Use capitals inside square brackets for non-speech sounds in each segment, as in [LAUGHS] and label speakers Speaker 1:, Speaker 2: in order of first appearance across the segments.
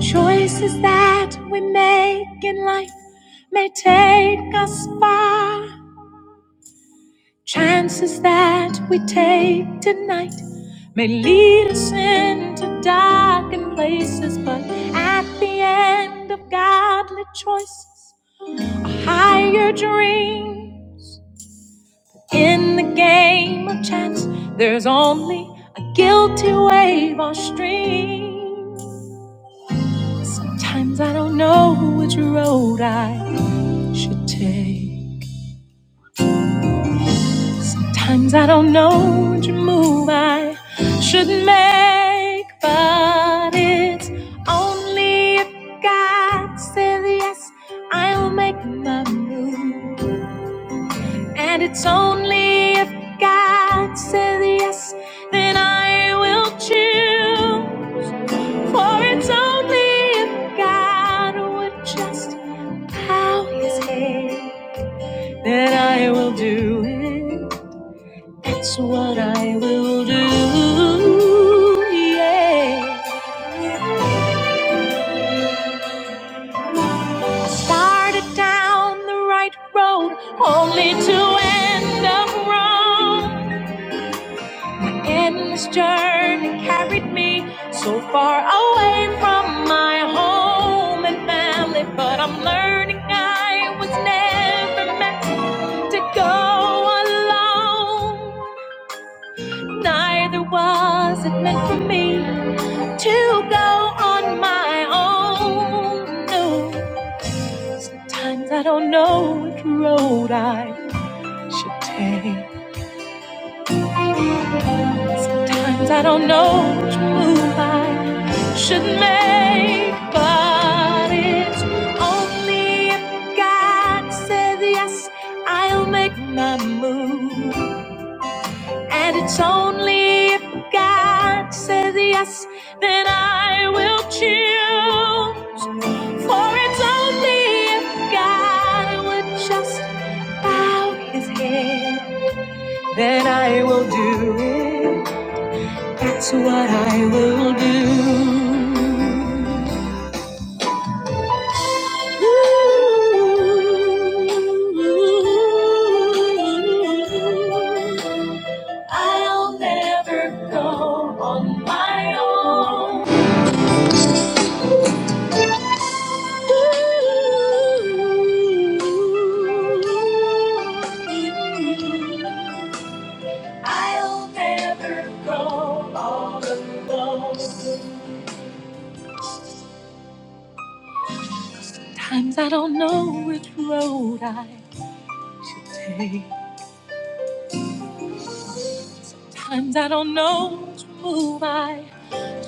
Speaker 1: Choices that we make in life may take us far. Chances that we take tonight may lead us into darkened places, but at the end of godly choices, a higher dream. In the game of chance, there's only a guilty wave or stream. Sometimes I don't know which road I should take. Sometimes I don't know which move I should make, but it's only if God says yes, I'll make my move. And it's only if God says yes, then I will choose. For it's only if God would just bow his head that I will do it. That's what I will do. Yeah. Started down the right road, only to end up wrong. And this journey carried me so far away from my home and family. But I'm learning I was never meant to go alone. Neither was it meant for me. to go on my own. No, times I don't know which road I should take. Sometimes I don't know which move I should make. But it's only if God says yes, I'll make my move. And it's only if God says yes, then I will choose. For it's only if God would just bow his head, then I will do it. That's what I will do. I'll never go on my own. I'll never go all alone. Times I don't know which road I should take. Times I don't know which move I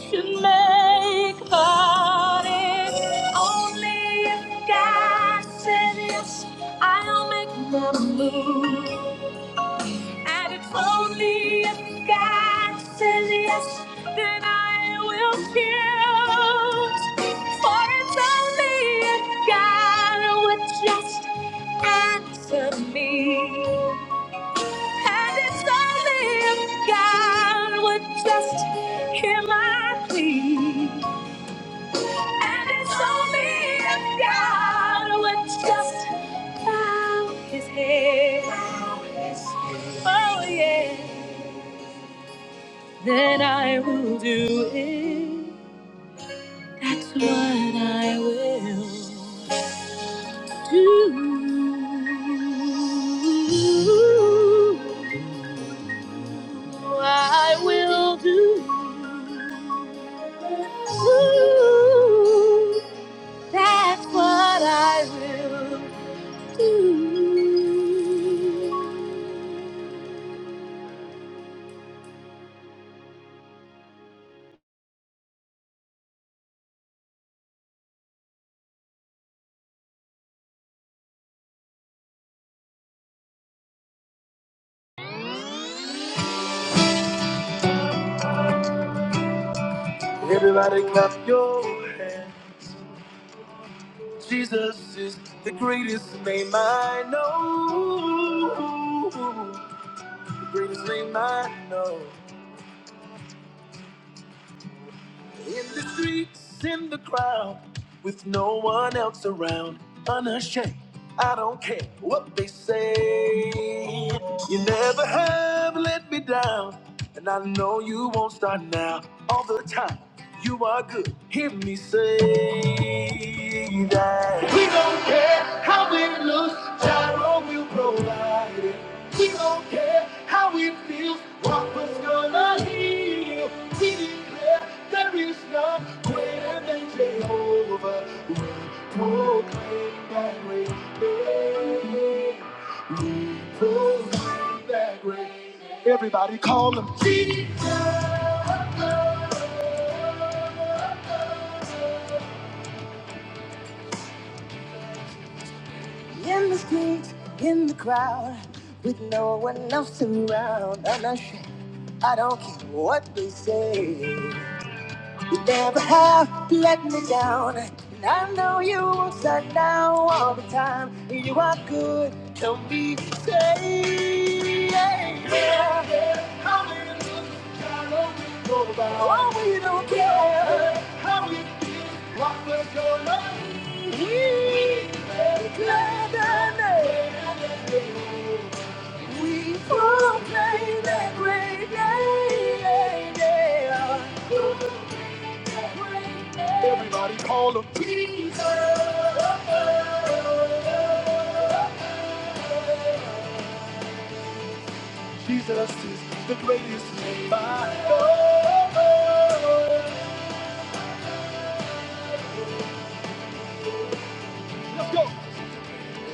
Speaker 1: to make, but it's only if God said yes, I'll make my move. And it's only if God says yes, then I will choose. For it's only if God would just answer me. And it's only if God would just hear my plea. And it's only if God would just bow his head. Oh, yeah. Then I will do it. That's what I will do. I will do. That's what I will Everybody clap your hands. Jesus is the greatest name I know. The greatest name I know. In the streets, in the crowd, with no one else around, unashamed. I don't care what they say. You never have let me down, and I know you won't start now. All the time, you are good. Hear me say that. We don't care how it looks, Gyro will provide it. We don't care how it feels, Rock was gonna heal. We there is none greater than Jehovah. We proclaim that great name. We proclaim that great name. Everybody call him Jesus. in the streets, in the crowd, with no one else around. I'm not sure. I don't care what they say. You never have let me down. And I know you won't let down all the time. You are good to me. Say, yeah, yeah. How we look, how we go about. Oh, we don't care. How we feel, what we're gonna be. We make love and make it. We will play that great day. yeah. We will play that great day. Everybody call him Jesus. Jesus is the greatest name I know. Let's go.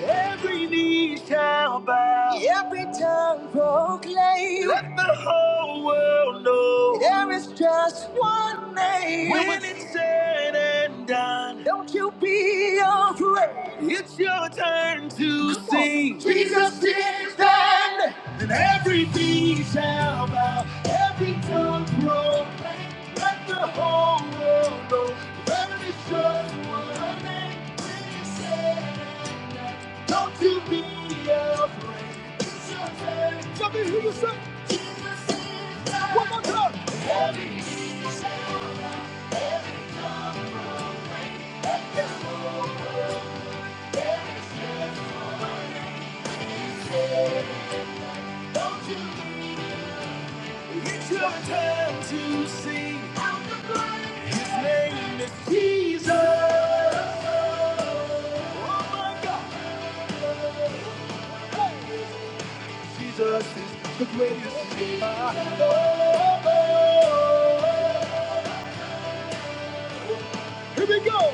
Speaker 1: Every knee shall bow. Every tongue proclaim. Let the whole world know. There is just one name. When it's said and done. Don't you be afraid. It's your turn to Come on. sing. Jesus is done. And every knee shall bow. Every tongue proclaim. Let the whole world know. There is just one name. Don't you be afraid. Tell me who you say, one more time. It's your time to sing. His name is Jesus. My God, Jesus is the greatest name I know. Here we go.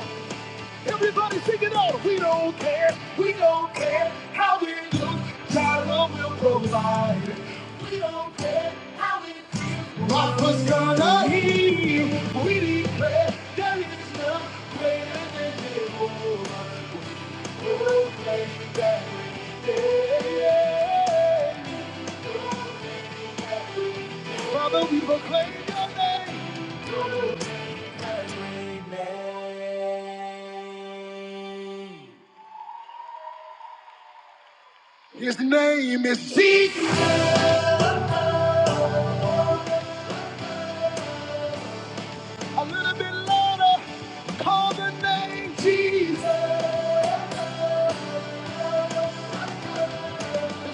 Speaker 1: Everybody sing it out. We don't care. We don't care how we look. God will provide. We don't care how we look. what was gonna heal. We declare there is none greater than Jehovah. Father, we proclaim your name. His name is Jesus. A little bit louder. Call the name Jesus.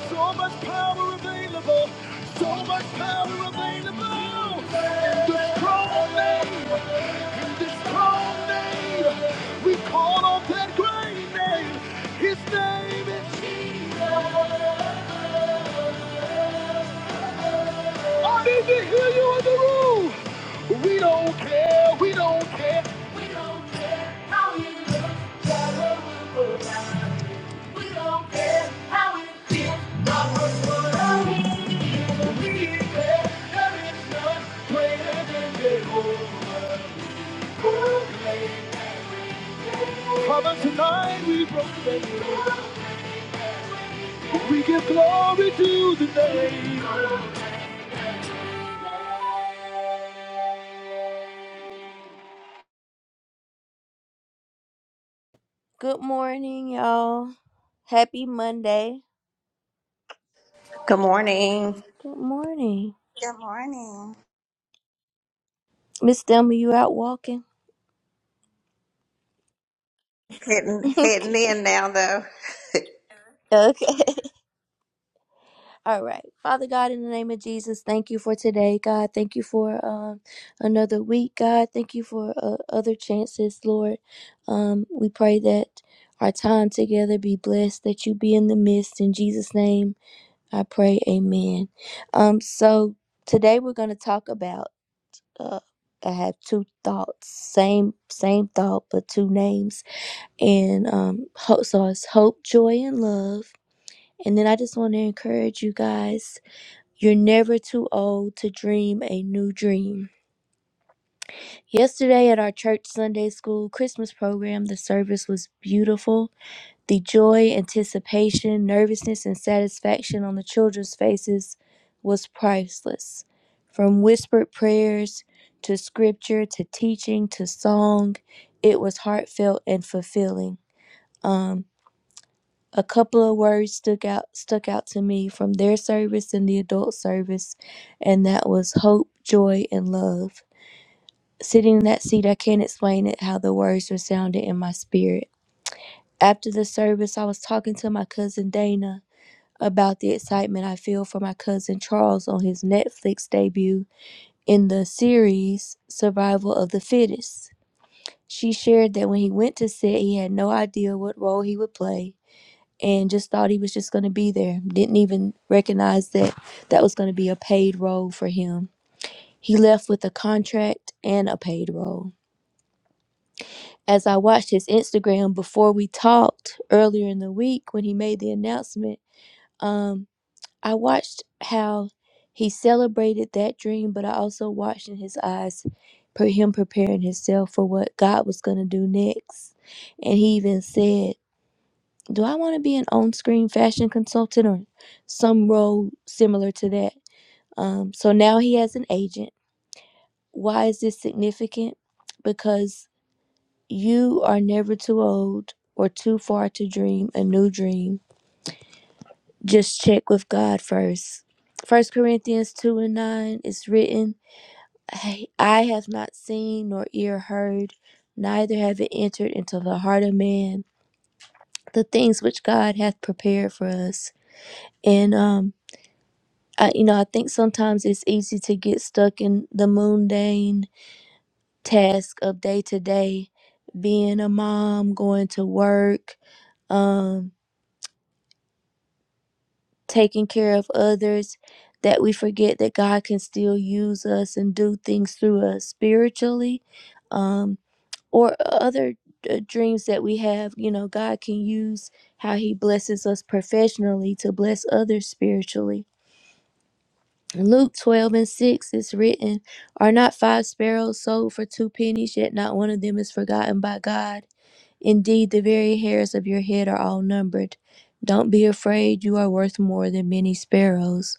Speaker 1: So much power available. So much power available. In the strong name. In the strong name. We call on that great name. His name is Jesus. I need to hear you in the room. We don't care. We don't care. We declare there is none greater than Jehovah. Father, tonight we proclaim. We give glory to the name. Good morning, y'all. Happy Monday.
Speaker 2: Good morning.
Speaker 1: Good morning.
Speaker 3: Good morning.
Speaker 1: Miss Thelma, you out walking? [LAUGHS]
Speaker 2: Hitting, hitting
Speaker 1: okay.
Speaker 2: in now, though.
Speaker 1: Okay. All right. Father God, in the name of Jesus, thank you for today, God. Thank you for um, another week, God. Thank you for uh, other chances, Lord. Um, we pray that our time together be blessed, that you be in the midst. In Jesus' name, I pray. Amen. Um, so today we're going to talk about uh, I have two thoughts, same same thought, but two names, and um, hope. So it's hope, joy, and love. And then I just want to encourage you guys. You're never too old to dream a new dream. Yesterday at our church Sunday school Christmas program, the service was beautiful the joy, anticipation, nervousness, and satisfaction on the children's faces was priceless. From whispered prayers to scripture to teaching to song, it was heartfelt and fulfilling. Um, a couple of words stuck out stuck out to me from their service and the adult service, and that was hope, joy, and love. Sitting in that seat, I can't explain it how the words resounded in my spirit. After the service, I was talking to my cousin Dana about the excitement I feel for my cousin Charles on his Netflix debut in the series Survival of the Fittest. She shared that when he went to set, he had no idea what role he would play and just thought he was just going to be there. Didn't even recognize that that was going to be a paid role for him. He left with a contract and a paid role. As I watched his Instagram before we talked earlier in the week when he made the announcement, um. I watched how he celebrated that dream, but I also watched in his eyes for him preparing himself for what God was going to do next. And he even said, Do I want to be an on screen fashion consultant or some role similar to that? Um, so now he has an agent. Why is this significant? Because you are never too old or too far to dream a new dream just check with God first. First Corinthians two and nine is written, "Hey, I have not seen nor ear heard, neither have it entered into the heart of man the things which God hath prepared for us. And um, I, you know, I think sometimes it's easy to get stuck in the mundane task of day to day, being a mom, going to work, um. taking care of others, that we forget that God can still use us and do things through us spiritually, um, or other uh, dreams that we have. You know, God can use how He blesses us professionally to bless others spiritually. Luke 12 and 6 is written, Are not five sparrows sold for two pennies, yet not one of them is forgotten by God? Indeed, the very hairs of your head are all numbered. Don't be afraid, you are worth more than many sparrows.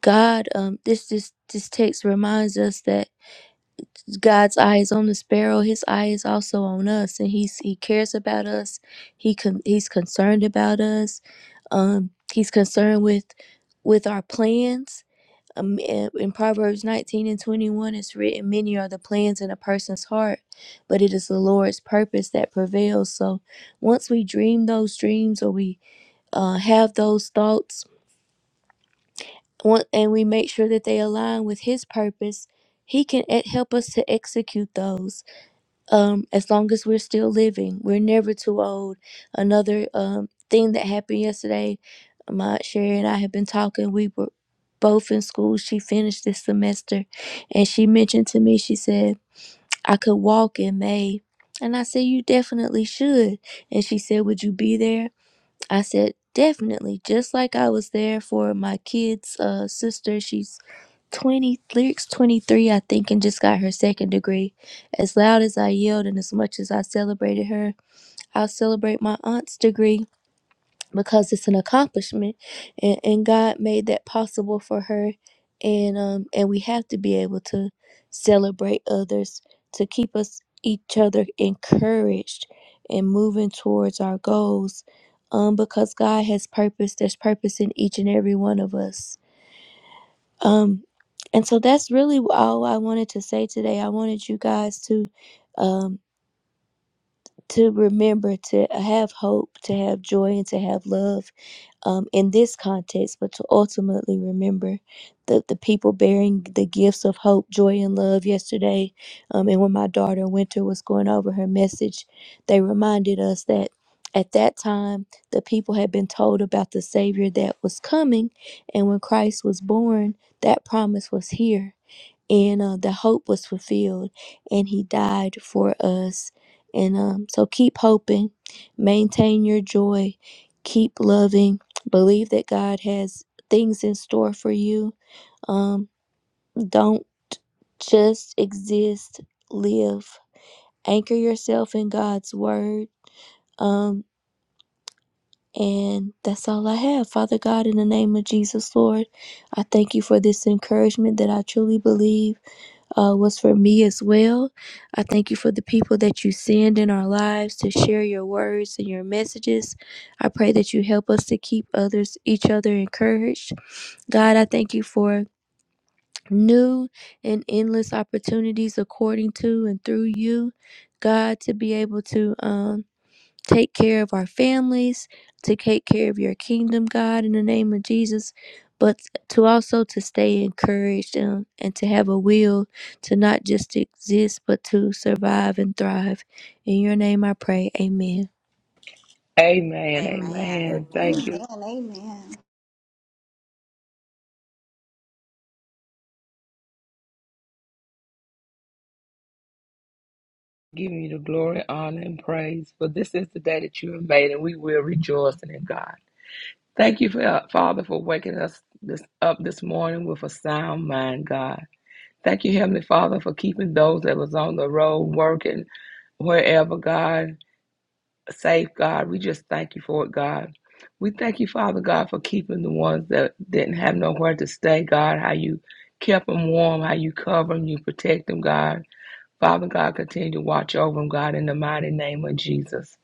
Speaker 1: God, um, this this this text reminds us that God's eye is on the sparrow. His eye is also on us, and he's he cares about us. He con- he's concerned about us. Um, he's concerned with with our plans. Um, in in Proverbs nineteen and twenty one, it's written, "Many are the plans in a person's heart, but it is the Lord's purpose that prevails." So, once we dream those dreams or we uh, have those thoughts on- and we make sure that they align with his purpose he can e- help us to execute those um, as long as we're still living we're never too old another um, thing that happened yesterday my sherry and i have been talking we were both in school she finished this semester and she mentioned to me she said i could walk in may and i said you definitely should and she said would you be there I said, definitely. Just like I was there for my kid's uh, sister. She's 20 lyrics 23 i think and just got her second degree as loud as i yelled and as much as i celebrated her i'll celebrate my aunt's degree because it's an accomplishment and, and god made that possible for her and um and we have to be able to celebrate others to keep us each other encouraged and moving towards our goals um because god has purpose there's purpose in each and every one of us um, and so that's really all I wanted to say today. I wanted you guys to um, to remember to have hope, to have joy, and to have love um, in this context, but to ultimately remember the, the people bearing the gifts of hope, joy, and love yesterday. Um, and when my daughter Winter was going over her message, they reminded us that at that time, the people had been told about the Savior that was coming. And when Christ was born, that promise was here and uh, the hope was fulfilled and he died for us and um, so keep hoping maintain your joy keep loving believe that god has things in store for you um, don't just exist live anchor yourself in god's word um, and that's all i have father god in the name of jesus lord i thank you for this encouragement that i truly believe uh, was for me as well. I thank you for the people that you send in our lives to share your words and your messages. I pray that you help us to keep others, each other encouraged. God, I thank you for new and endless opportunities according to and through you. God, to be able to. Um, take care of our families, to take care of your kingdom, God, in the name of Jesus, but to also to stay encouraged and, and to have a will to not just exist, but to survive and thrive. In your name I pray. Amen.
Speaker 4: Amen.
Speaker 2: Amen.
Speaker 4: Amen.
Speaker 5: Amen.
Speaker 4: Thank
Speaker 3: Amen.
Speaker 2: Amen.
Speaker 4: you.
Speaker 3: Amen.
Speaker 4: Give me the glory, honor, and praise. For this is the day that you have made, and we will rejoice in it, God. Thank you, for, Father, for waking us this, up this morning with a sound mind, God. Thank you, Heavenly Father, for keeping those that was on the road working wherever, God, safe, God. We just thank you for it, God. We thank you, Father God, for keeping the ones that didn't have nowhere to stay, God. How you kept them warm, how you cover them, you protect them, God. Father God, continue to watch over them, God, in the mighty name of Jesus.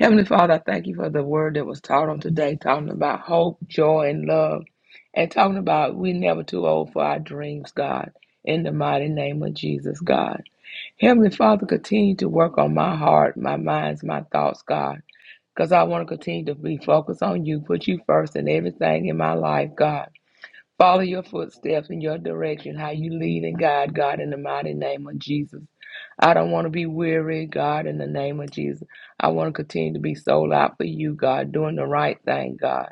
Speaker 4: Heavenly Father, I thank you for the word that was taught on today, talking about hope, joy, and love, and talking about we are never too old for our dreams, God, in the mighty name of Jesus, God. Heavenly Father, continue to work on my heart, my minds, my thoughts, God, because I want to continue to be focused on you, put you first in everything in my life, God. Follow your footsteps in your direction, how you lead and guide, God, in the mighty name of Jesus. I don't want to be weary, God, in the name of Jesus. I want to continue to be sold out for you, God, doing the right thing, God.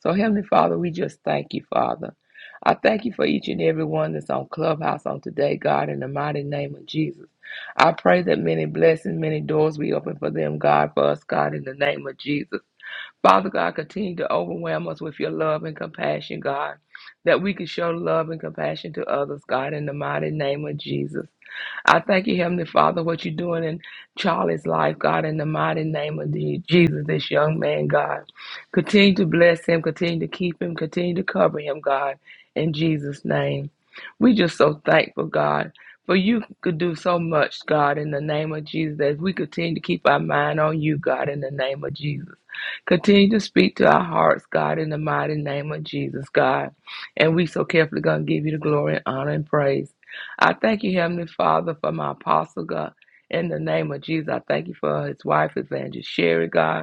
Speaker 4: So, Heavenly Father, we just thank you, Father. I thank you for each and every one that's on Clubhouse on today, God, in the mighty name of Jesus. I pray that many blessings, many doors be open for them, God, for us, God, in the name of Jesus. Father God, continue to overwhelm us with your love and compassion, God, that we can show love and compassion to others, God, in the mighty name of Jesus. I thank you, Heavenly Father, what you're doing in Charlie's life, God, in the mighty name of the- Jesus, this young man, God. Continue to bless him, continue to keep him, continue to cover him, God, in Jesus' name. We just so thankful, God, for you could do so much, God, in the name of Jesus, as we continue to keep our mind on you, God, in the name of Jesus. Continue to speak to our hearts, God, in the mighty name of Jesus, God. And we so carefully going to give you the glory and honor and praise. I thank you, Heavenly Father, for my apostle, God. In the name of Jesus, I thank you for his wife, Evangelist Sherry, God.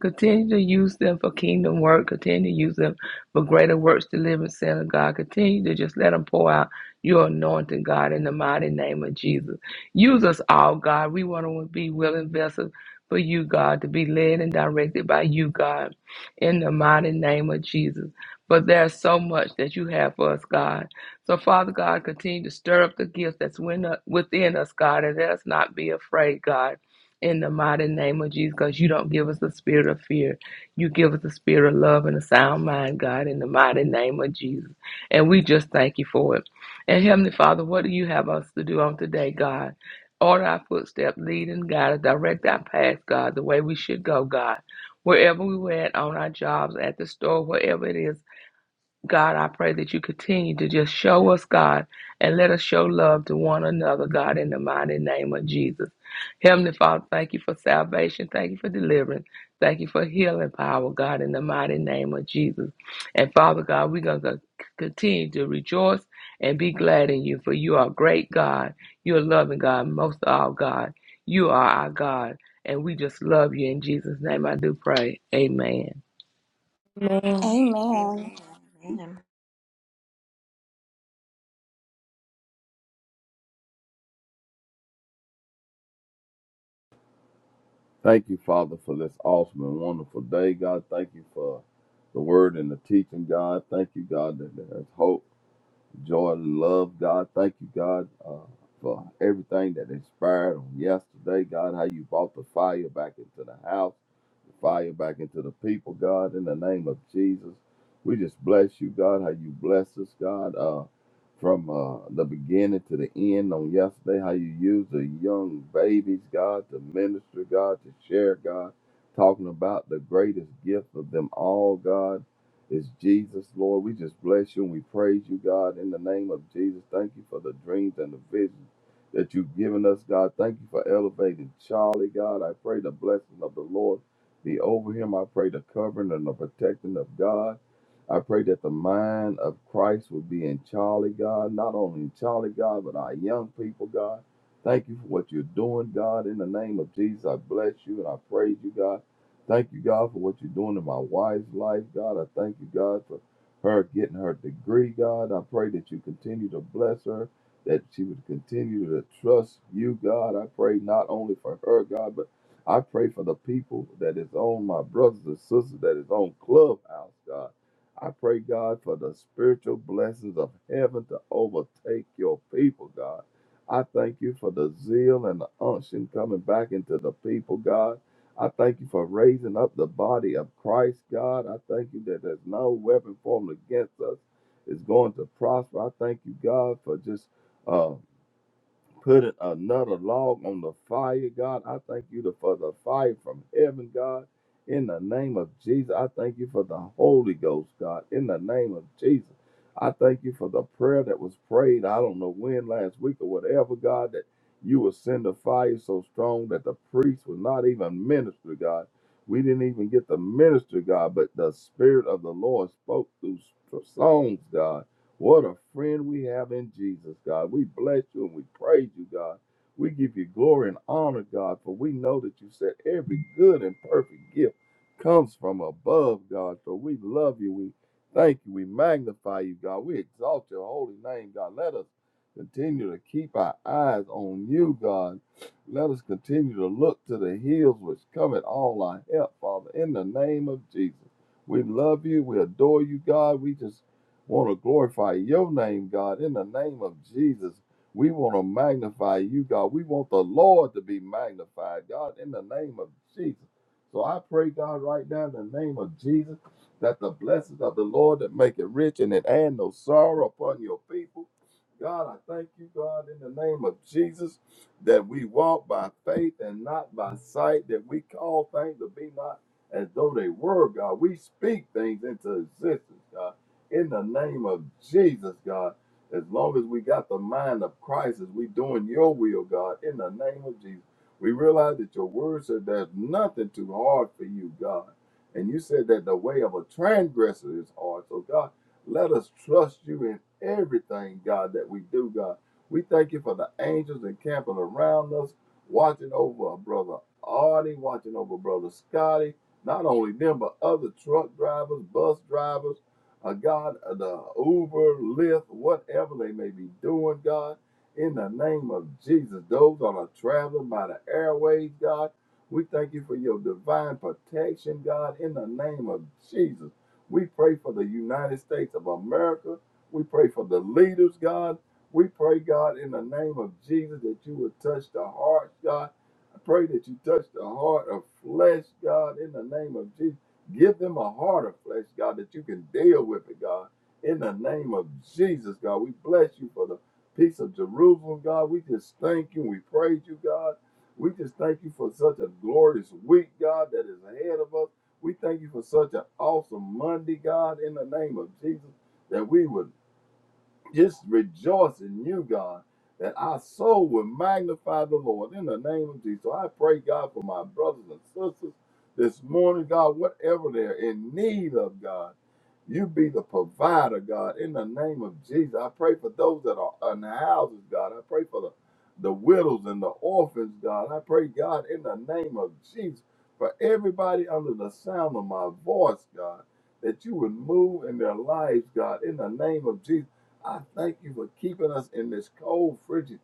Speaker 4: Continue to use them for kingdom work. Continue to use them for greater works to live in sin of God. Continue to just let them pour out your anointing, God, in the mighty name of Jesus. Use us all, God. We want to be willing vessels for you, God, to be led and directed by you, God, in the mighty name of Jesus. But there's so much that you have for us, God. So, Father God, continue to stir up the gifts that's within within us, God, and let us not be afraid, God in the mighty name of Jesus, because you don't give us a spirit of fear. You give us a spirit of love and a sound mind, God, in the mighty name of Jesus. And we just thank you for it. And Heavenly Father, what do you have us to do on today, God? Order our footsteps, lead and guide us, direct our path, God, the way we should go, God. Wherever we went on our jobs, at the store, wherever it is, God, I pray that you continue to just show us, God, and let us show love to one another, God, in the mighty name of Jesus. Heavenly Father, thank you for salvation. Thank you for deliverance. Thank you for healing power, God, in the mighty name of Jesus. And Father God, we're going to continue to rejoice and be glad in you, for you are great God. You're loving God, most of all, God. You are our God. And we just love you. In Jesus' name, I do pray. Amen.
Speaker 3: Amen. Amen.
Speaker 2: Amen.
Speaker 5: Thank you, Father, for this awesome and wonderful day, God. Thank you for the word and the teaching, God. Thank you, God, that there's hope, joy, and love, God. Thank you, God, uh, for everything that inspired on yesterday, God, how you brought the fire back into the house. fire back into the people, God, in the name of Jesus. We just bless you, God, how you bless us, God, uh, from uh, the beginning to the end on yesterday, how you used the young babies, God, to minister, God, to share, God, talking about the greatest gift of them all, God, is Jesus, Lord. We just bless you and we praise you, God, in the name of Jesus. Thank you for the dreams and the visions that you've given us, God. Thank you for elevating Charlie, God. I pray the blessing of the Lord be over him. I pray the covering and the protecting of God. I pray that the mind of Christ would be in Charlie, God, not only in Charlie, God, but our young people, God. Thank you for what you're doing, God. In the name of Jesus, I bless you and I praise you, God. Thank you, God, for what you're doing in my wife's life, God. I thank you, God, for her getting her degree, God. I pray that you continue to bless her, that she would continue to trust you, God. I pray not only for her, God, but I pray for the people that is on my brothers and sisters that is on Clubhouse, God. I pray, God, for the spiritual blessings of heaven to overtake your people, God. I thank you for the zeal and the unction coming back into the people, God. I thank you for raising up the body of Christ, God. I thank you that there's no weapon formed against us is going to prosper. I thank you, God, for just uh, putting another log on the fire, God. I thank you for the fire from heaven, God. In the name of Jesus, I thank you for the Holy Ghost, God. In the name of Jesus, I thank you for the prayer that was prayed. I don't know when last week or whatever, God, that you would send a fire so strong that the priest was not even minister, God. We didn't even get the minister, God, but the Spirit of the Lord spoke through songs, God what a friend we have in Jesus, God. We bless you and we praise you, God. We give you glory and honor, God, for we know that you said every good and perfect gift comes from above, God. So we love you. We thank you. We magnify you, God. We exalt your holy name, God. Let us continue to keep our eyes on you, God. Let us continue to look to the hills which come at all our help, Father, in the name of Jesus. We love you. We adore you, God. We just want to glorify your name, God, in the name of Jesus. We want to magnify you, God. We want the Lord to be magnified, God, in the name of Jesus. So I pray, God, right now in the name of Jesus, that the blessings of the Lord that make it rich and it add no sorrow upon your people. God, I thank you, God, in the name of Jesus, that we walk by faith and not by sight, that we call things to be not as though they were, God. We speak things into existence, God in the name of Jesus, God. As long as we got the mind of Christ, as we doing your will, God, in the name of Jesus. We realize that your word said there's nothing too hard for you, God. And you said that the way of a transgressor is hard. So, God, let us trust you in everything, God, that we do, God. We thank you for the angels encamping around us, watching over our brother Artie, watching over brother Scotty, not only them, but other truck drivers, bus drivers uh, God, uh, the Uber, Lyft, whatever they may be doing, God. In the name of Jesus, those that are traveling by the airways, God, we thank you for your divine protection, God. In the name of Jesus, we pray for the United States of America. We pray for the leaders, God. We pray, God, in the name of Jesus, that you would touch the hearts, God. I pray that you touch the heart of flesh, God, in the name of Jesus Give them a heart of flesh, God, that you can deal with it, God. In the name of Jesus, God, we bless you for the peace of Jerusalem, God. We just thank you. We praise you, God. We just thank you for such a glorious week, God, that is ahead of us. We thank you for such an awesome Monday, God, in the name of Jesus, that we would just rejoice in you, God, that our soul will magnify the Lord in the name of Jesus. So I pray, God, for my brothers and sisters this morning, God, whatever they're in need of, God. You be the provider, God, in the name of Jesus. I pray for those that are in the houses, God. I pray for the, the widows and the orphans, God. I pray, God, in the name of Jesus, for everybody under the sound of my voice, God, that you would move in their lives, God, in the name of Jesus. I thank you for keeping us in this cold, frigid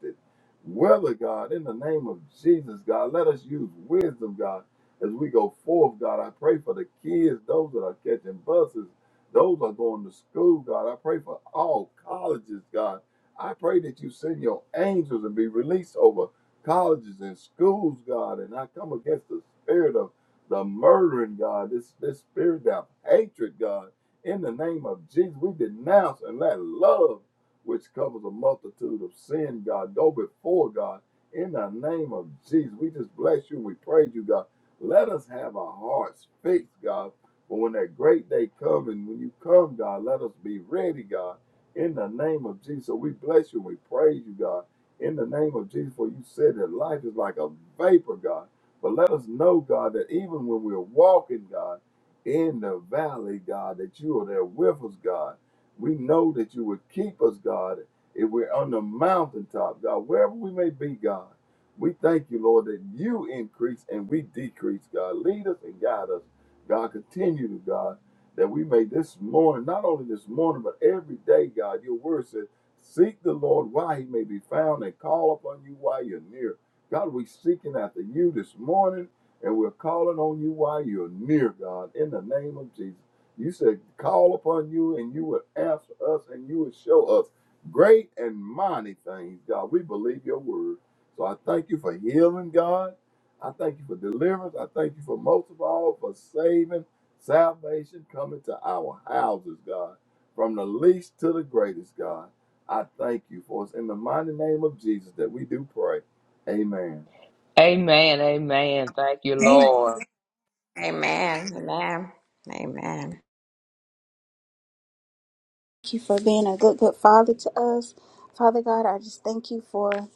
Speaker 5: weather, God, in the name of Jesus, God. Let us use wisdom, God, as we go forth, God. I pray for the kids, those that are catching buses. Those are going to school, God. I pray for all colleges, God. I pray that you send your angels and be released over colleges and schools, God. And I come against the spirit of the murdering, God, this, this spirit of hatred, God. In the name of Jesus, we denounce and let love, which covers a multitude of sin, God, go before God. In the name of Jesus, we just bless you. We praise you, God. Let us have our hearts fixed, God but when that great day comes, and when you come, God, let us be ready, God, in the name of Jesus. So we bless you. We praise you, God, in the name of Jesus. For you said that life is like a vapor, God. But let us know, God, that even when we're walking, God, in the valley, God, that you are there with us, God. We know that you would keep us, God, if we're on the mountaintop, God, wherever we may be, God. We thank you, Lord, that you increase and we decrease, God. Lead us and guide us God, continue to God that we may this morning, not only this morning, but every day, God, your word says, seek the Lord while he may be found and call upon you while you're near. God, we're seeking after you this morning and we're calling on you while you're near, God, in the name of Jesus. You said, call upon you and you would answer us and you would show us great and mighty things, God. We believe your word. So I thank you for healing, God. I thank you for deliverance. I thank you for most of all for saving salvation coming to our houses, God, from the least to the greatest, God. I thank you for us in the mighty name of Jesus that we do pray. Amen.
Speaker 4: Amen. Amen. Thank you,
Speaker 3: Thank
Speaker 4: Lord.
Speaker 2: Amen. Amen. Amen.
Speaker 3: you for being a good, good father to us. Father God, I just thank you for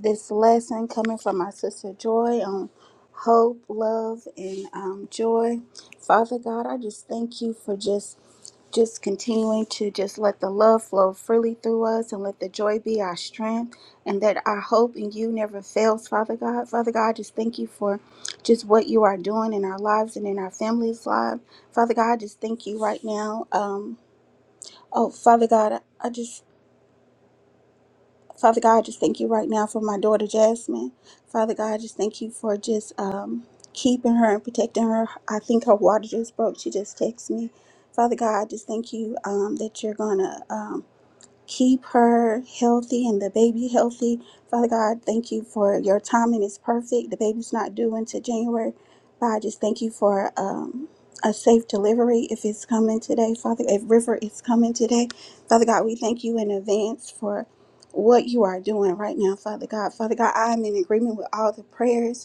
Speaker 3: this lesson coming from my sister Joy on hope, love, and um, joy. Father God, I just thank you for just just continuing to just let the love flow freely through us and let the joy be our strength and that our hope in you never fails father god father god I just thank you for just what you are doing in our lives and in our families lives father god I just thank you right now um oh father god i I just Father God, I just thank you right now for my daughter Jasmine. Father God, I just thank you for just um, keeping her and protecting her. I think her water just broke. She just texted me. Father God, I just thank you um, that you're going to Keep her healthy and the baby healthy. Father God, thank you for your timing is perfect. The baby's not due until January. But I just thank you for um, a safe delivery if it's coming today, Father. If River is coming today, Father God, we thank you in advance for what you are doing right now, Father God. Father God, I'm in agreement with all the prayers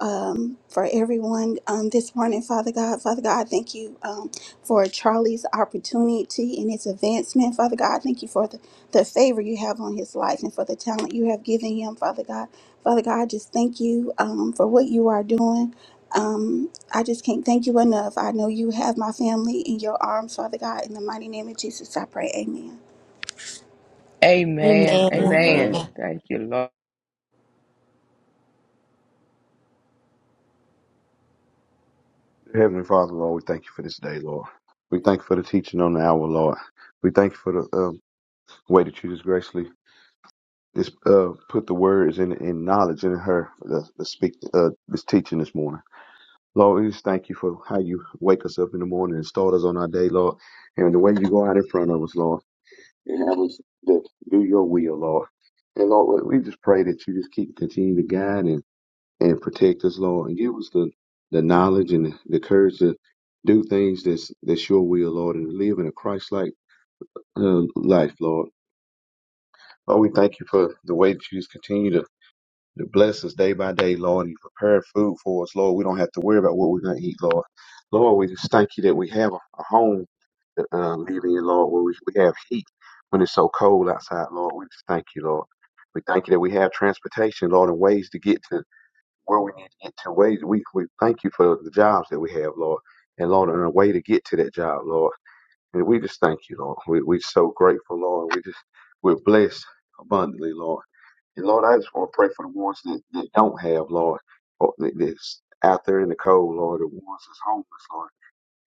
Speaker 3: um, for everyone um, this morning, Father God. Father God, I thank you um, for Charlie's opportunity and his advancement. Father God, I thank you for the, the favor you have on his life and for the talent you have given him, Father God. Father God, I just thank you um, for what you are doing. Um, I just can't thank you enough. I know you have my family in your arms, Father God. In the mighty name of Jesus, I pray. Amen.
Speaker 4: Amen.
Speaker 1: Amen.
Speaker 2: Amen.
Speaker 4: Amen.
Speaker 5: Amen.
Speaker 4: Thank you, Lord.
Speaker 6: Heavenly Father, Lord, we thank you for this day, Lord. We thank you for the teaching on the hour, Lord. We thank you for the um, way that you just graciously just uh, put the words in, in knowledge in her to the speak uh, this teaching this morning. Lord, we just thank you for how you wake us up in the morning and start us on our day, Lord, and the way you go out in front of us, Lord, and have us to do your will, Lord. And Lord, we we just pray that you just keep continue to guide and and protect us, Lord, and give us the, the knowledge and the courage to do things that's, that's your will, Lord, and live in a Christ like uh, life, Lord. Lord, we thank you for the way that you just continue to, to bless us day by day, Lord, and you prepare food for us, Lord. We don't have to worry about what we're going to eat, Lord. Lord, we just thank you that we have a, a home to uh, live in, Lord, where we, we have heat when it's so cold outside, Lord. We just thank you, Lord. We thank you that we have transportation, Lord, and ways to get to where we need to get to ways. We, we thank you for the jobs that we have, Lord. And Lord, on a way to get to that job, Lord. And we just thank you, Lord. We, we're so grateful, Lord. We just, we're blessed abundantly, Lord. And Lord, I just want to pray for the ones that, that don't have, Lord, or that- that's out there in the cold, Lord, the ones that's homeless, Lord.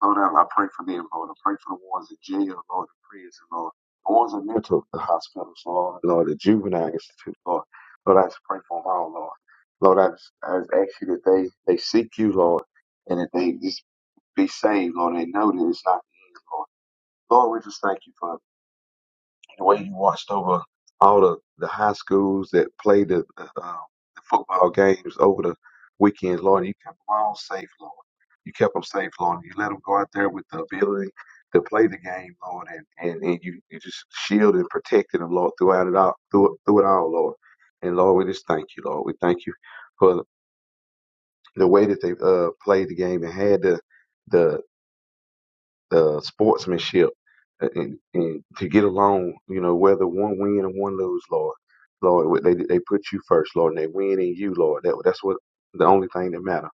Speaker 6: Lord, I, I pray for them, Lord. I pray for the ones in jail, Lord, in prison, Lord. The ones in mental hospitals, Lord. Lord, the juvenile institute, Lord. Lord, I just pray for them all, Lord. Lord, I just, I just ask you that they, they seek you, Lord, and that they just be saved, Lord. They know that it's not the end, Lord. Lord, we just thank you for the way you watched over all the, the high schools that played the, the, uh, the football games over the weekends, Lord. You kept them all safe, Lord. You kept them safe, Lord. You let them go out there with the ability to play the game, Lord, and, and, and you, you just shielded and protected them, Lord, throughout it all, through, through it all, Lord. And Lord, we just thank you, Lord. We thank you for the way that they uh, played the game and had the, the the sportsmanship uh, and, and to get along, you know, whether one win or one lose, Lord. Lord, they they put you first, Lord, and they win in you, Lord. That that's what the only thing that matters.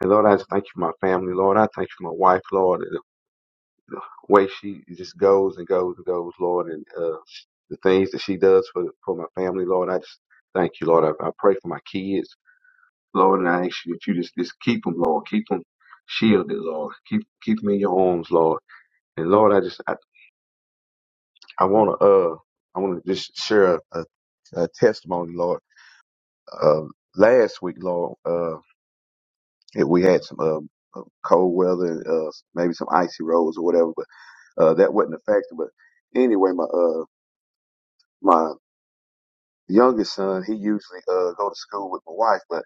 Speaker 6: And Lord, I just thank you for my family, Lord. I thank you for my wife, Lord, and the way she just goes and goes and goes, Lord, and uh, the things that she does for for my family, Lord. I just thank you, Lord. I, I pray for my kids, Lord, and I ask you that you just just keep them, Lord, keep them shielded, Lord. Keep keep them in your arms, Lord. And Lord, I just I want to uh I want to just share a, a, a testimony, Lord. Uh, last week, Lord, uh, if we had some um, uh, cold weather, and uh, maybe some icy roads or whatever, but uh, that wasn't a factor. But anyway, my uh my youngest son, he usually uh go to school with my wife, but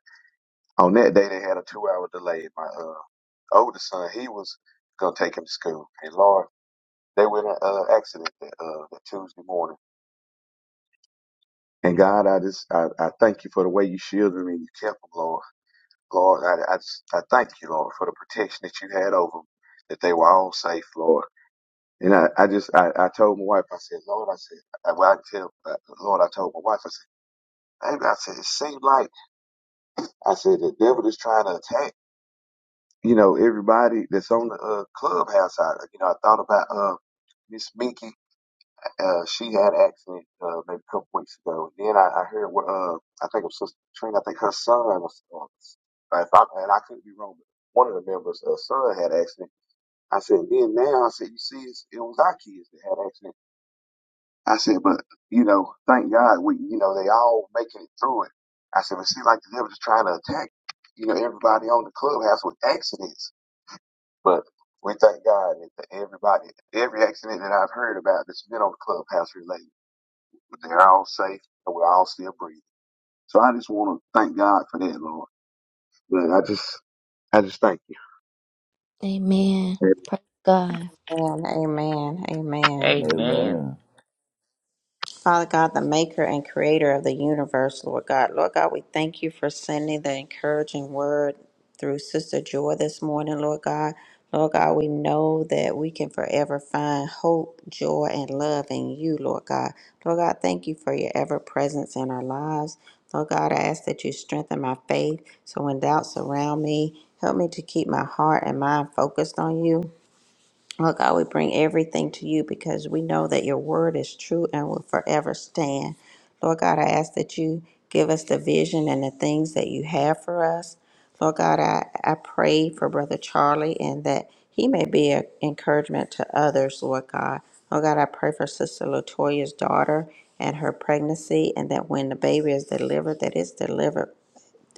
Speaker 6: on that day they had a two hour delay. My uh older son, he was gonna take him to school, and Lord, they were in an uh, accident that uh that Tuesday morning. And God, I just I, I thank you for the way you shielded me and you kept them, Lord. Lord, I, I, just- I thank you, Lord, for the protection that you had over them, that they were all safe, Lord. And I, I just, I, I told my wife, I said, Lord, I said, I, well, I can tell, uh, Lord, I told my wife, I said, baby, I said, it seemed like, I said, the devil is trying to attack, you know, everybody that's on the uh, clubhouse. I, you know, I thought about uh, Miss Minky Uh, she had an accident uh, maybe a couple weeks ago. Then I, I heard what uh, I think it was Sister Katrina. I think her son was, uh, if I, and I could be wrong, but one of the members' uh, son had an accident. I said, then now I said, you see, it's, it was our kids that had an accident. I said, but you know, thank God we, you know, they all making it through it. I said, but see, like the devil's trying to attack, you know, everybody on the clubhouse with accidents, but. We thank God that everybody, every accident that I've heard about that's been on the clubhouse related. But They're all safe and we're all still breathing. So I just want to thank God for that, Lord. But I just, I just thank
Speaker 1: Amen.
Speaker 6: you.
Speaker 1: Praise God.
Speaker 2: Amen. Amen. Amen.
Speaker 4: Amen.
Speaker 5: Amen.
Speaker 2: Father God, the maker and creator of the universe, Lord God. Lord God, we thank you for sending the encouraging word through Sister Joy this morning, Lord God. Lord God, we know that we can forever find hope, joy, and love in you, Lord God. Lord God, thank you for your ever presence in our lives. Lord God, I ask that you strengthen my faith so when doubts surround me, help me to keep my heart and mind focused on you. Lord God, we bring everything to you because we know that your word is true and will forever stand. Lord God, I ask that you give us the vision and the things that you have for us. Lord God, I, I pray for Brother Charlie and that he may be an encouragement to others, Lord God. Lord God, I pray for Sister Latoya's daughter and her pregnancy, and that when the baby is delivered, that it's delivered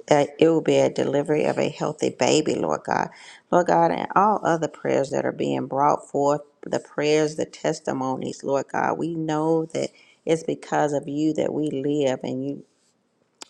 Speaker 2: that it will be a delivery of a healthy baby, Lord God. Lord God, and all other prayers that are being brought forth, the prayers, the testimonies, Lord God, we know that it's because of you that we live and you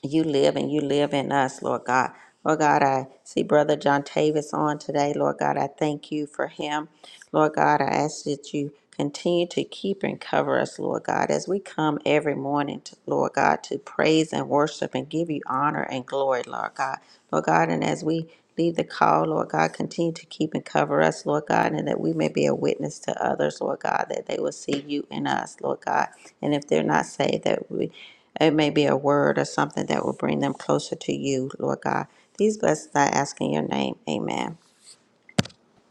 Speaker 2: you live and you live in us, Lord God. Lord God, I see Brother John Tavis on today. Lord God, I thank you for him. Lord God, I ask that you continue to keep and cover us, Lord God, as we come every morning, to, Lord God, to praise and worship and give you honor and glory, Lord God. Lord God, and as we leave the call, Lord God, continue to keep and cover us, Lord God, and that we may be a witness to others, Lord God, that they will see you in us, Lord God. And if they're not saved, that we it may be a word or something that will bring them closer to you, Lord God. These blessings I ask in your name. Amen.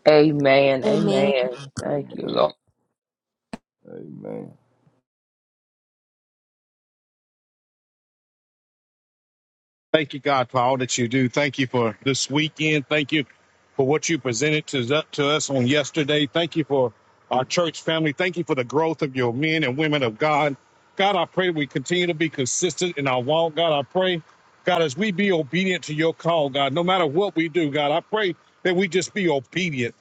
Speaker 4: Amen.
Speaker 1: Amen.
Speaker 4: Amen. Thank you, Lord.
Speaker 5: Amen. Amen.
Speaker 7: Thank you, God, for all that you do. Thank you for this weekend. Thank you for what you presented to, to us on yesterday. Thank you for our church family. Thank you for the growth of your men and women of God. God, I pray we continue to be consistent in our walk. God, I pray, God, as we be obedient to your call, God, no matter what we do, God, I pray that we just be obedient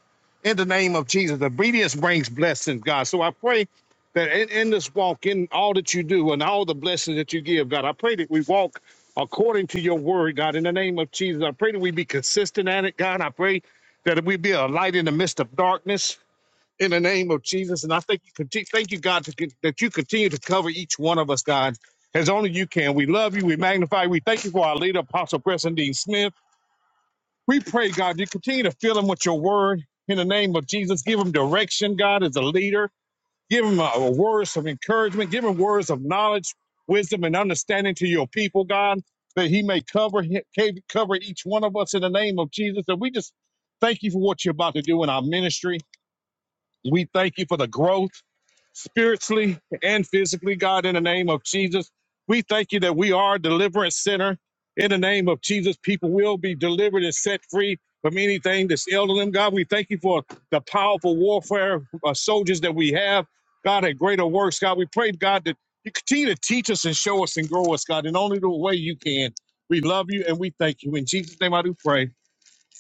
Speaker 7: in the name of Jesus. Obedience brings blessings, God. So I pray that in, in this walk, in all that you do and all the blessings that you give, God, I pray that we walk according to your word, God. In the name of Jesus, I pray that we be consistent at it, God. I pray that we be a light in the midst of darkness. In the name of Jesus, and I thank you, conti- thank you, God, to, con- that you continue to cover each one of us, God, as only you can. We love you. We magnify. you. We thank you for our leader, Apostle Preston Dean Smith. We pray, God, you continue to fill him with your word. In the name of Jesus, give him direction, God, as a leader. Give them uh, words of encouragement. Give them words of knowledge, wisdom, and understanding to your people, God, that He may cover he- ca- cover each one of us in the name of Jesus. And we just thank you for what you're about to do in our ministry. We thank you for the growth spiritually and physically, God, in the name of Jesus. We thank you that we are a deliverance center. In the name of Jesus, people will be delivered and set free from anything that's ailing them. God, we thank you for the powerful warfare uh, soldiers that we have. God, at greater works, God, we pray, God, that you continue to teach us and show us and grow us, God, in only the way you can. We love you and we thank you. In Jesus' name, I do pray.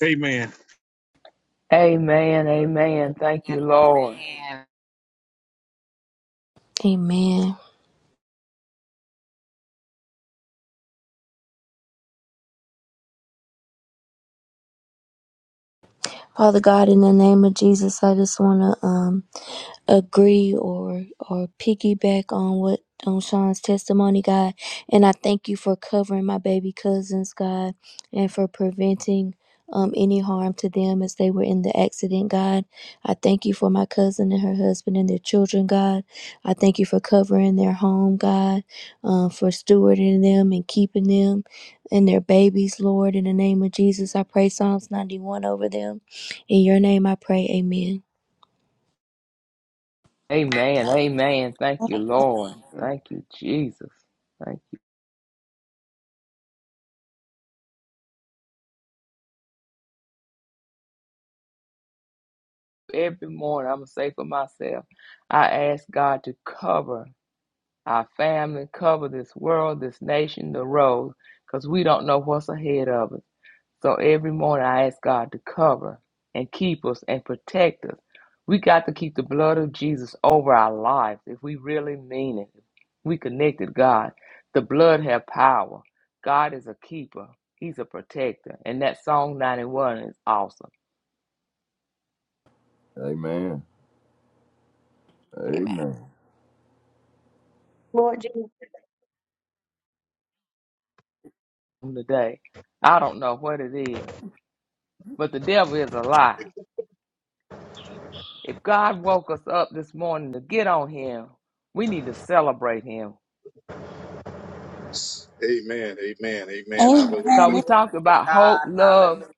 Speaker 7: Amen.
Speaker 4: Amen.
Speaker 5: Amen.
Speaker 4: Amen. Thank you,
Speaker 2: And
Speaker 4: Lord.
Speaker 2: Amen.
Speaker 1: Amen. Father God, in the name of Jesus, I just want to um, agree or or piggyback on what on Sean's testimony, God. And I thank you for covering my baby cousins, God, and for preventing um, any harm to them as they were in the accident, God. I thank you for my cousin and her husband and their children, God. I thank you for covering their home, God, um, for stewarding them and keeping them and their babies, Lord. In the name of Jesus, I pray Psalms 91 over them. In your name I pray, amen.
Speaker 4: Amen. Amen. Thank you, Lord. Thank you, Jesus. Thank you. Every morning, I'm going to say for myself, I ask God to cover our family, cover this world, this nation, the road, because we don't know what's ahead of us. So every morning I ask God to cover and keep us and protect us. We got to keep the blood of Jesus over our lives if we really mean it. We connected God. The blood have power. God is a keeper. He's a protector. And that song 91 is awesome.
Speaker 5: Amen. Amen.
Speaker 2: Amen.
Speaker 5: Amen.
Speaker 8: Lord Jesus,
Speaker 4: Today, I don't know what it is, but the devil is a lie. If God woke us up this morning to get on him, we need to celebrate him.
Speaker 7: Amen. Amen. Amen. I believe
Speaker 4: Because we
Speaker 3: Amen.
Speaker 7: that.
Speaker 2: Glory
Speaker 4: talked
Speaker 2: to
Speaker 4: about hope,
Speaker 2: God.
Speaker 4: love,
Speaker 2: Hallelujah.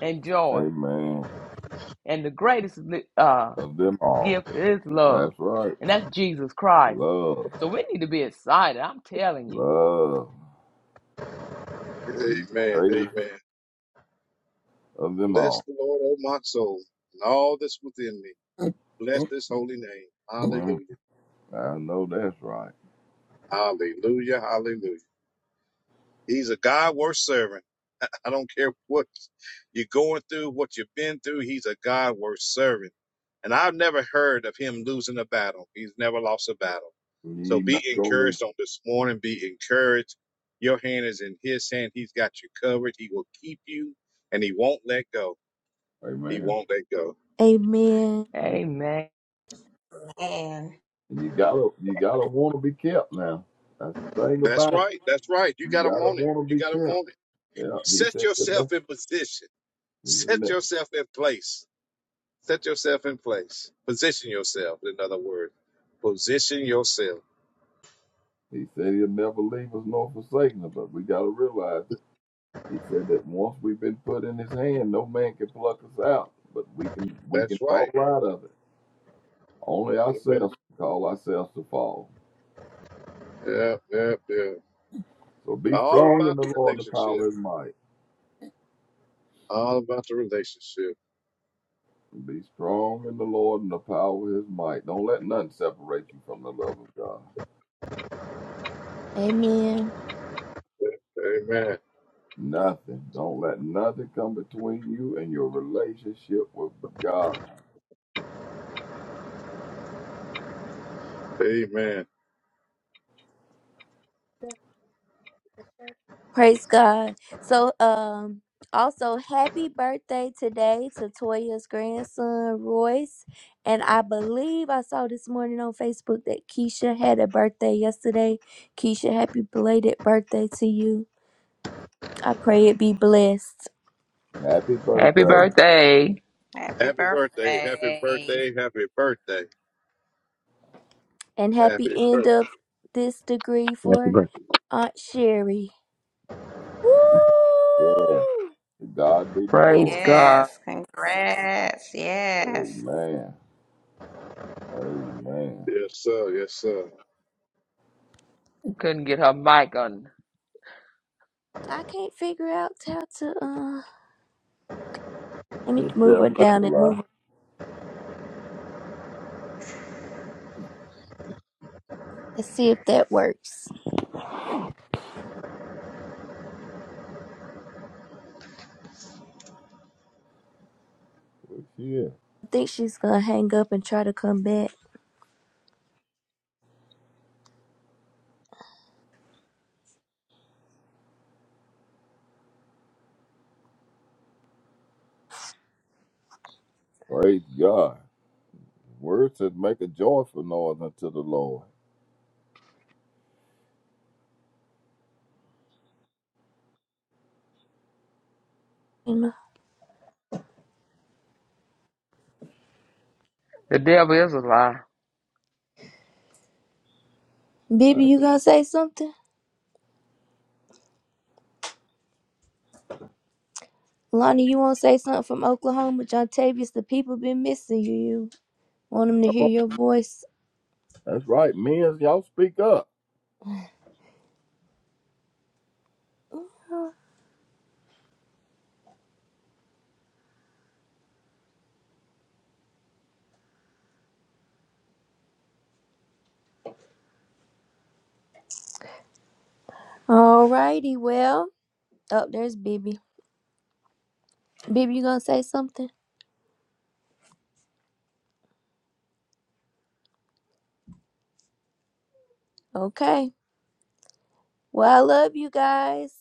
Speaker 4: and joy.
Speaker 5: Amen.
Speaker 4: And the greatest uh,
Speaker 5: Of them all.
Speaker 4: gift is love.
Speaker 5: That's right.
Speaker 4: And that's Jesus Christ.
Speaker 5: Love.
Speaker 4: So we need to be excited. I'm telling you.
Speaker 5: Love. He's the
Speaker 7: Amen.
Speaker 5: greatest
Speaker 7: Amen.
Speaker 5: of them
Speaker 7: Bless
Speaker 5: all.
Speaker 7: the Lord, O my soul, and all that's within me. Bless his holy name.
Speaker 5: Well,
Speaker 7: Hallelujah.
Speaker 5: I know that's right.
Speaker 7: Hallelujah. Hallelujah. He's a God worth serving. [LAUGHS] I don't care what you're going through, what you've been through. He's a God worth serving. And I've never heard of him losing a battle. He's never lost a battle. So
Speaker 5: You
Speaker 7: be
Speaker 5: not gonna, lose.
Speaker 7: encouraged on this morning. Be encouraged. Your hand is in his hand. He's got you covered. He will keep you and he won't let go. He
Speaker 5: amen.
Speaker 7: won't let go.
Speaker 1: Amen.
Speaker 5: Amen.
Speaker 4: Amen.
Speaker 2: And
Speaker 5: And you gotta, you gotta want to be kept now. That's the thing
Speaker 7: That's
Speaker 5: about it.
Speaker 7: right. That's right. You
Speaker 5: You
Speaker 7: gotta
Speaker 5: gotta
Speaker 7: want it.
Speaker 5: want
Speaker 7: You
Speaker 5: to be
Speaker 7: gotta
Speaker 5: kept.
Speaker 7: want it.
Speaker 5: Yeah, he
Speaker 7: Set
Speaker 5: said he'll
Speaker 7: yourself
Speaker 5: never,
Speaker 7: in position.
Speaker 5: he'll
Speaker 7: Set
Speaker 5: ne-
Speaker 7: yourself in place. Set yourself in place. Position yourself. In other words, position yourself.
Speaker 5: he said he'll never leave us nor forsake us, but we gotta realize that he said that once we've been put in his hand, no man can pluck us out, but we can, we
Speaker 7: That's
Speaker 5: can
Speaker 7: right.
Speaker 5: fall out of it. Only
Speaker 7: Amen.
Speaker 5: ourselves can call ourselves to fall.
Speaker 7: Yeah, yeah, yeah.
Speaker 5: So be
Speaker 7: All
Speaker 5: strong in
Speaker 7: about the
Speaker 5: the Lord and the power
Speaker 7: relationship.
Speaker 5: of his might.
Speaker 7: All about the relationship.
Speaker 5: Be strong in the Lord and the power of his might. Don't let nothing separate you from the love of God.
Speaker 1: Amen.
Speaker 7: Amen.
Speaker 5: Nothing. Don't let nothing come between you and your relationship with God.
Speaker 7: Amen.
Speaker 1: Praise God. So, um, also happy birthday today to Toya's grandson Royce, and I believe I saw this morning on Facebook that Keisha had a birthday yesterday. Keisha, happy belated birthday to you. I pray it be blessed
Speaker 5: Happy
Speaker 4: Happy
Speaker 5: birthday.
Speaker 4: birthday.
Speaker 2: happy
Speaker 7: Happy birthday. Happy
Speaker 2: birthday.
Speaker 7: birthday. Happy birthday.
Speaker 1: and
Speaker 7: Happy
Speaker 1: happy end
Speaker 7: birthday.
Speaker 1: of this degree
Speaker 6: Happy
Speaker 1: for
Speaker 6: birthday.
Speaker 1: Aunt Sherry.
Speaker 5: Yes. To God be the
Speaker 4: Praise
Speaker 5: glory.
Speaker 4: God.
Speaker 2: Yes. Congrats. Yes.
Speaker 5: Amen. Amen.
Speaker 7: Yes, sir. Yes, sir.
Speaker 4: Couldn't get her mic on.
Speaker 1: I can't figure out how to. Uh, let me
Speaker 5: The
Speaker 1: move her
Speaker 5: devil is
Speaker 1: down
Speaker 5: a
Speaker 1: and
Speaker 5: lie.
Speaker 1: move Let's see if that works.
Speaker 5: But yeah.
Speaker 1: I think she's gonna hang up and try to come back.
Speaker 5: Praise God. Word says make a joyful noise unto the Lord.
Speaker 1: You know,
Speaker 4: The devil is a lie.
Speaker 5: All
Speaker 1: Bibi,
Speaker 5: right,
Speaker 1: you gonna say something? Lonnie, you wanna say something from Oklahoma? John Tavius, the people been missing you. You want them to
Speaker 5: come
Speaker 1: hear
Speaker 5: on.
Speaker 1: your voice?
Speaker 5: That's right. Men, y'all speak up.
Speaker 1: Alrighty, well, oh, there's Bibi. Bibi, you gonna say something? Okay. Well, I love you guys.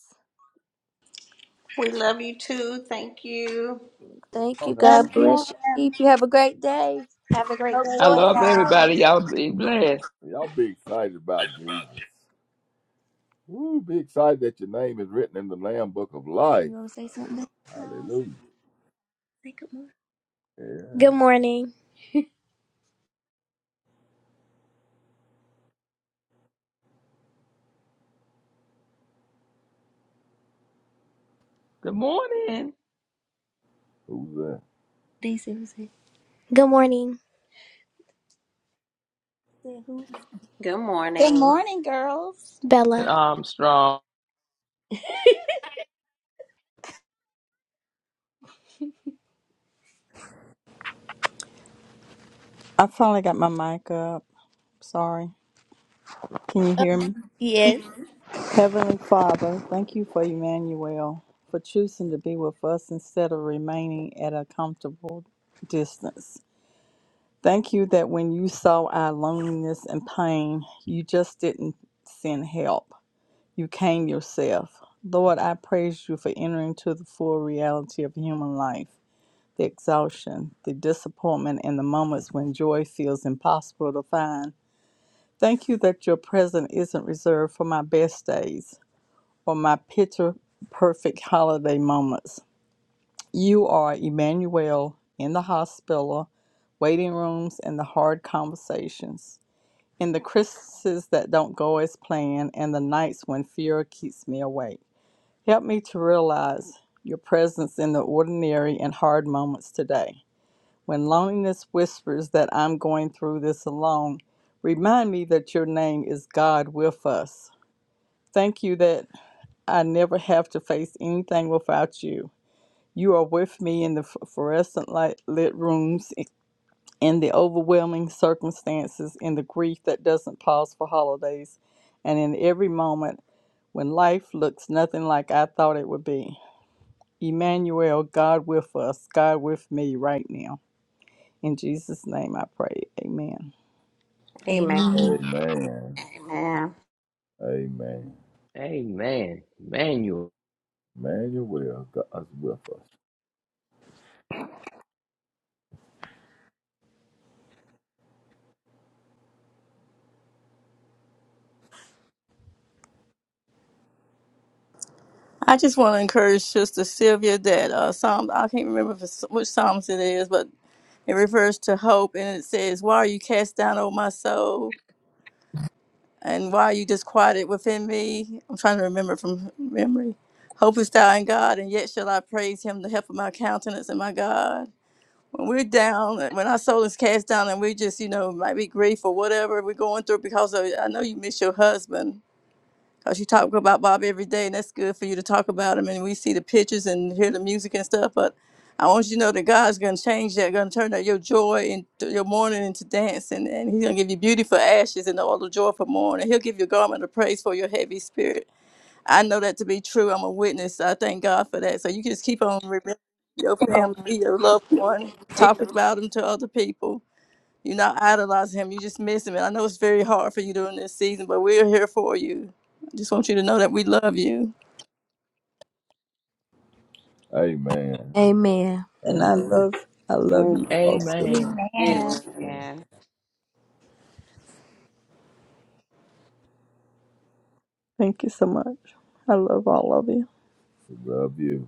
Speaker 2: We love you too. Thank you.
Speaker 1: Thank
Speaker 5: Y'all
Speaker 1: you.
Speaker 5: have
Speaker 1: God
Speaker 5: a
Speaker 1: bless you. Keep you. Have a great day. Hope,
Speaker 4: I
Speaker 1: joy, and
Speaker 4: love
Speaker 1: love.
Speaker 4: everybody. Y'all be blessed.
Speaker 5: y'all be excited about Jesus. Woo, be excited that your name is written in the Lamb Book of Life.
Speaker 1: You wanna say something? No, I
Speaker 5: Hallelujah.
Speaker 1: think.
Speaker 5: Yeah.
Speaker 1: Good morning.
Speaker 4: Good morning.
Speaker 5: Who's that?
Speaker 1: They say, who said? Good morning. Said who?
Speaker 2: Good
Speaker 3: Good
Speaker 2: morning.
Speaker 3: morning, girls.
Speaker 4: And
Speaker 1: Bella.
Speaker 4: Armstrong.
Speaker 9: I finally got my mic up. Sorry. Can you hear me?
Speaker 1: Yes.
Speaker 9: Heavenly Father, thank you for Emmanuel, for choosing to be with us instead of remaining at a comfortable distance. Thank you that when you saw our loneliness and pain, you just didn't send help. You came yourself. Lord, I praise you for entering to the full reality of human life, the exhaustion, the disappointment, and the moments when joy feels impossible to find. Thank you that your present isn't reserved for my best days or my picture perfect holiday moments. You are Emmanuel in the hospital, waiting rooms, and the hard conversations, in the Christmases that don't go as planned, and the nights when fear keeps me awake. Help me to realize your presence in the ordinary and hard moments today. When loneliness whispers that I'm going through this alone, remind me that your name is God with us. Thank you that I never have to face anything without you. You are with me in the fluorescent light lit rooms, in the overwhelming circumstances, in the grief that doesn't pause for holidays, and in every moment when life looks nothing like I thought it would be. Emmanuel, God with us, God with me right now. In Jesus' name I pray. Amen.
Speaker 2: Amen.
Speaker 5: Amen.
Speaker 2: Amen.
Speaker 5: Amen.
Speaker 4: Amen. Manuel.
Speaker 5: Emmanuel, God's with us.
Speaker 10: I just want to encourage Sister Sylvia that uh, Psalm, I can't remember if it's, which Psalms it is, but it refers to hope and it says, Why are you cast down, O my soul? And why are you disquieted within me? I'm trying to remember from memory. Hope is thou in God, and yet shall I praise him, the help of my countenance and my God. When we're down, when our soul is cast down and we just, you know, might be grief or whatever we're going through because of, I know you miss your husband Cause you talk about Bob every day, and that's good for you to talk about him. And we see the pictures and hear the music and stuff. But I want you to know that God's gonna change that, gonna turn that your joy and your mourning into dancing, and He's gonna give you beauty for ashes and all the joy for mourning. He'll give you a garment of praise for your heavy spirit. I know that to be true. I'm a witness. I thank God for that. So you just keep on remembering your family, your loved one, talking about them to other people you're not idolizing him. You just miss him. And I know it's very hard for you during this season, but we're here for you. I just want you to know that we love you.
Speaker 5: Amen.
Speaker 1: Amen.
Speaker 9: And
Speaker 5: Amen.
Speaker 9: I love I love you
Speaker 2: Amen.
Speaker 9: Also,
Speaker 4: Amen.
Speaker 3: Amen.
Speaker 2: Amen.
Speaker 9: Thank you so much. I love all of you.
Speaker 5: We love you.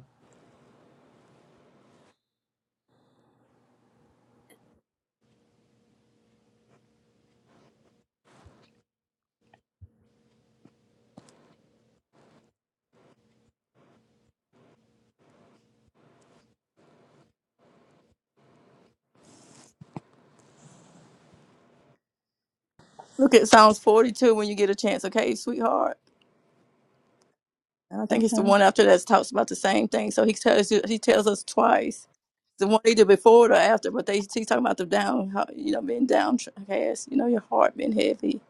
Speaker 10: Look at Psalms 42 when you get a chance, okay, sweetheart? And I think it's
Speaker 9: Okay.
Speaker 10: the one after that talks about the same thing. So he tells you, he tells us twice. The one either before it or after, but they he's talking about the down, how, you know, being downcast, you know, your heart being heavy.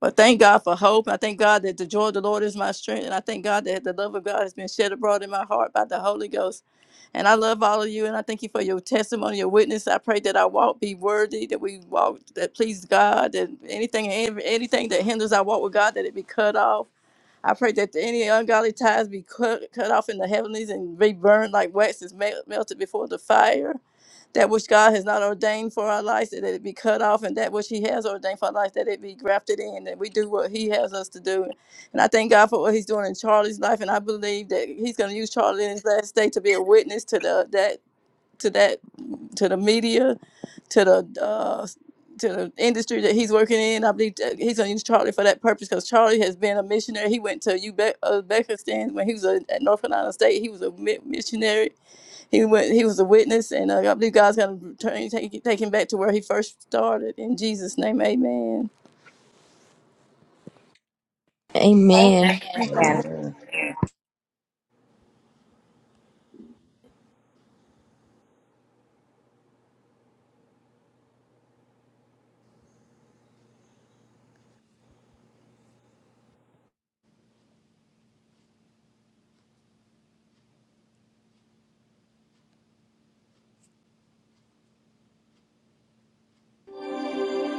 Speaker 10: But thank God for hope. I thank God that the joy of the Lord is my strength. And I thank God that the love of God has been shed abroad in my heart by the Holy Ghost. And I love all of you. And I thank you for your testimony, your witness. I pray that our walk be worthy, that we walk that please God, that anything, anything that hinders our walk with God, that it be cut off. I pray that any ungodly ties be cut, cut off in the heavenlies and be burned like wax is mel- melted before the fire. That which God has not ordained for our lives, that it be cut off, and that which He has ordained for our lives, that it be grafted in, that we do what He has us to do. And I thank God for what He's doing in Charlie's life, and I believe that He's going to use Charlie in his last day to be a witness to the that to that to the media to the uh to the industry that he's working in, I believe that he's going to use Charlie for that purpose because Charlie has been a missionary. He went to Ube- uh, Uzbekistan when he was a, at North Carolina State. He was a mi- missionary. He went. He was a witness, and uh, I believe God's going to return, take, take him back to where he first started. In Jesus' name, Amen.
Speaker 1: Amen.
Speaker 2: Amen.
Speaker 5: Amen.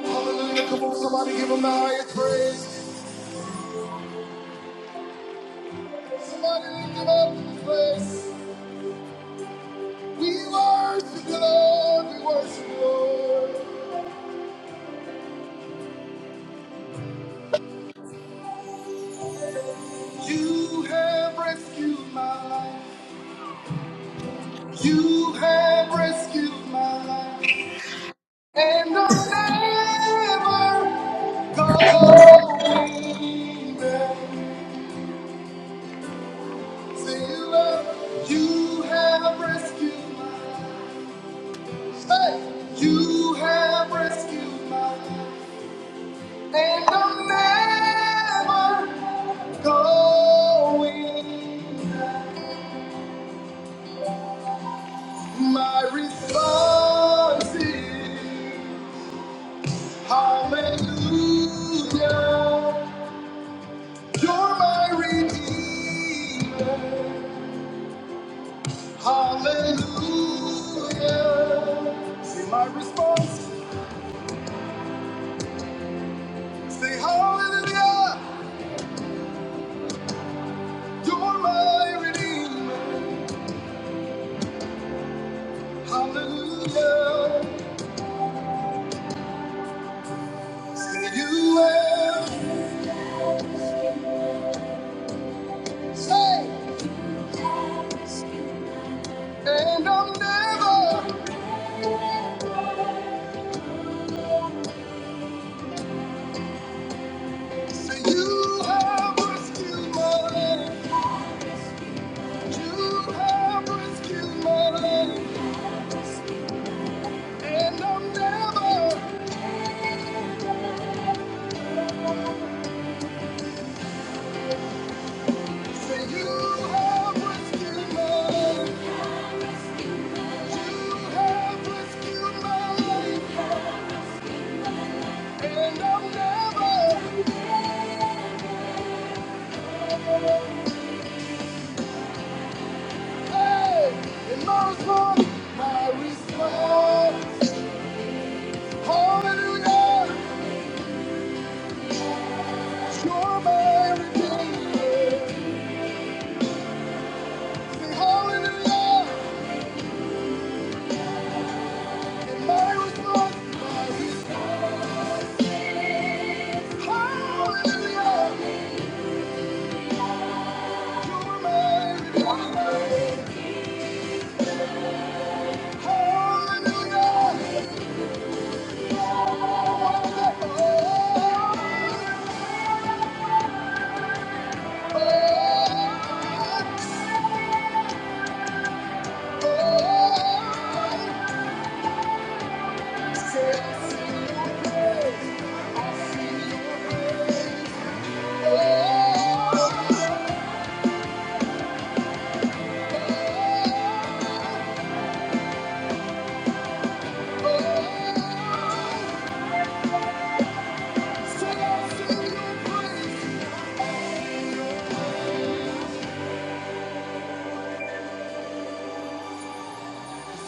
Speaker 1: Hallelujah. Come on, somebody give him the highest praise. Somebody lift him up in praise. We worship you, Lord. We worship you, Lord. You have rescued my life. You have rescued my life. And I'm never going back. See you, Lord. You have rescued my life. Hey, You have rescued my life, and I'm never going. back. My response is Hallelujah. You're my redeemer. Hallelujah. Say my response. Say Hallelujah. You're my redeemer. Hallelujah. Say you will. Say. And I'll never. Say you have rescued my life. You have rescued my life. And I'll never. Hallelujah, you're my redeemer.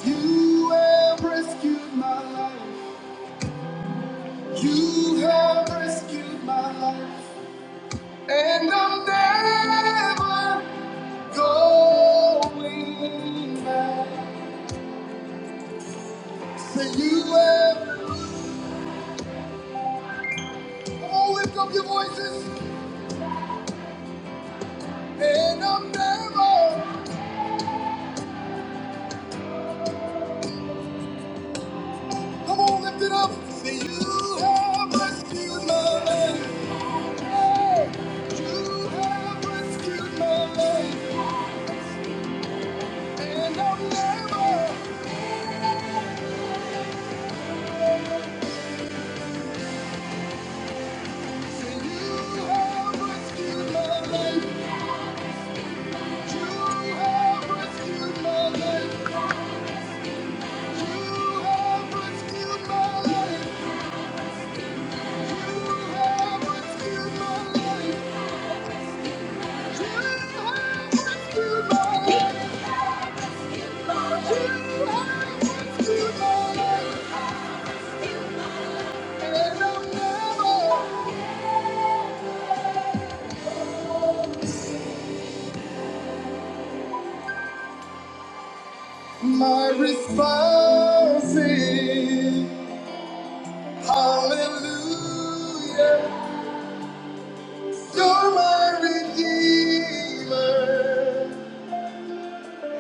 Speaker 1: You have rescued my life. You have rescued my life. And I'm never, going back to you. and- Oh, lift up your voices, and I'm never. Come on, lift it up. Say you have rescued my life. Hey, you have rescued my life, and I'm never. Say you have rescued my life. You have rescued my life. My response is Hallelujah. You're my Redeemer.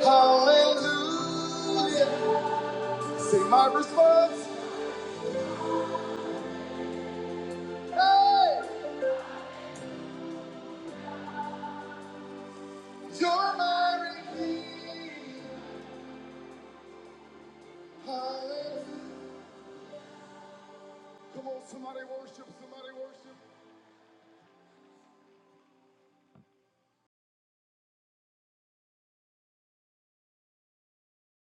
Speaker 1: Hallelujah. Say my response, you're my redeemer. Come on, somebody worship, somebody worship.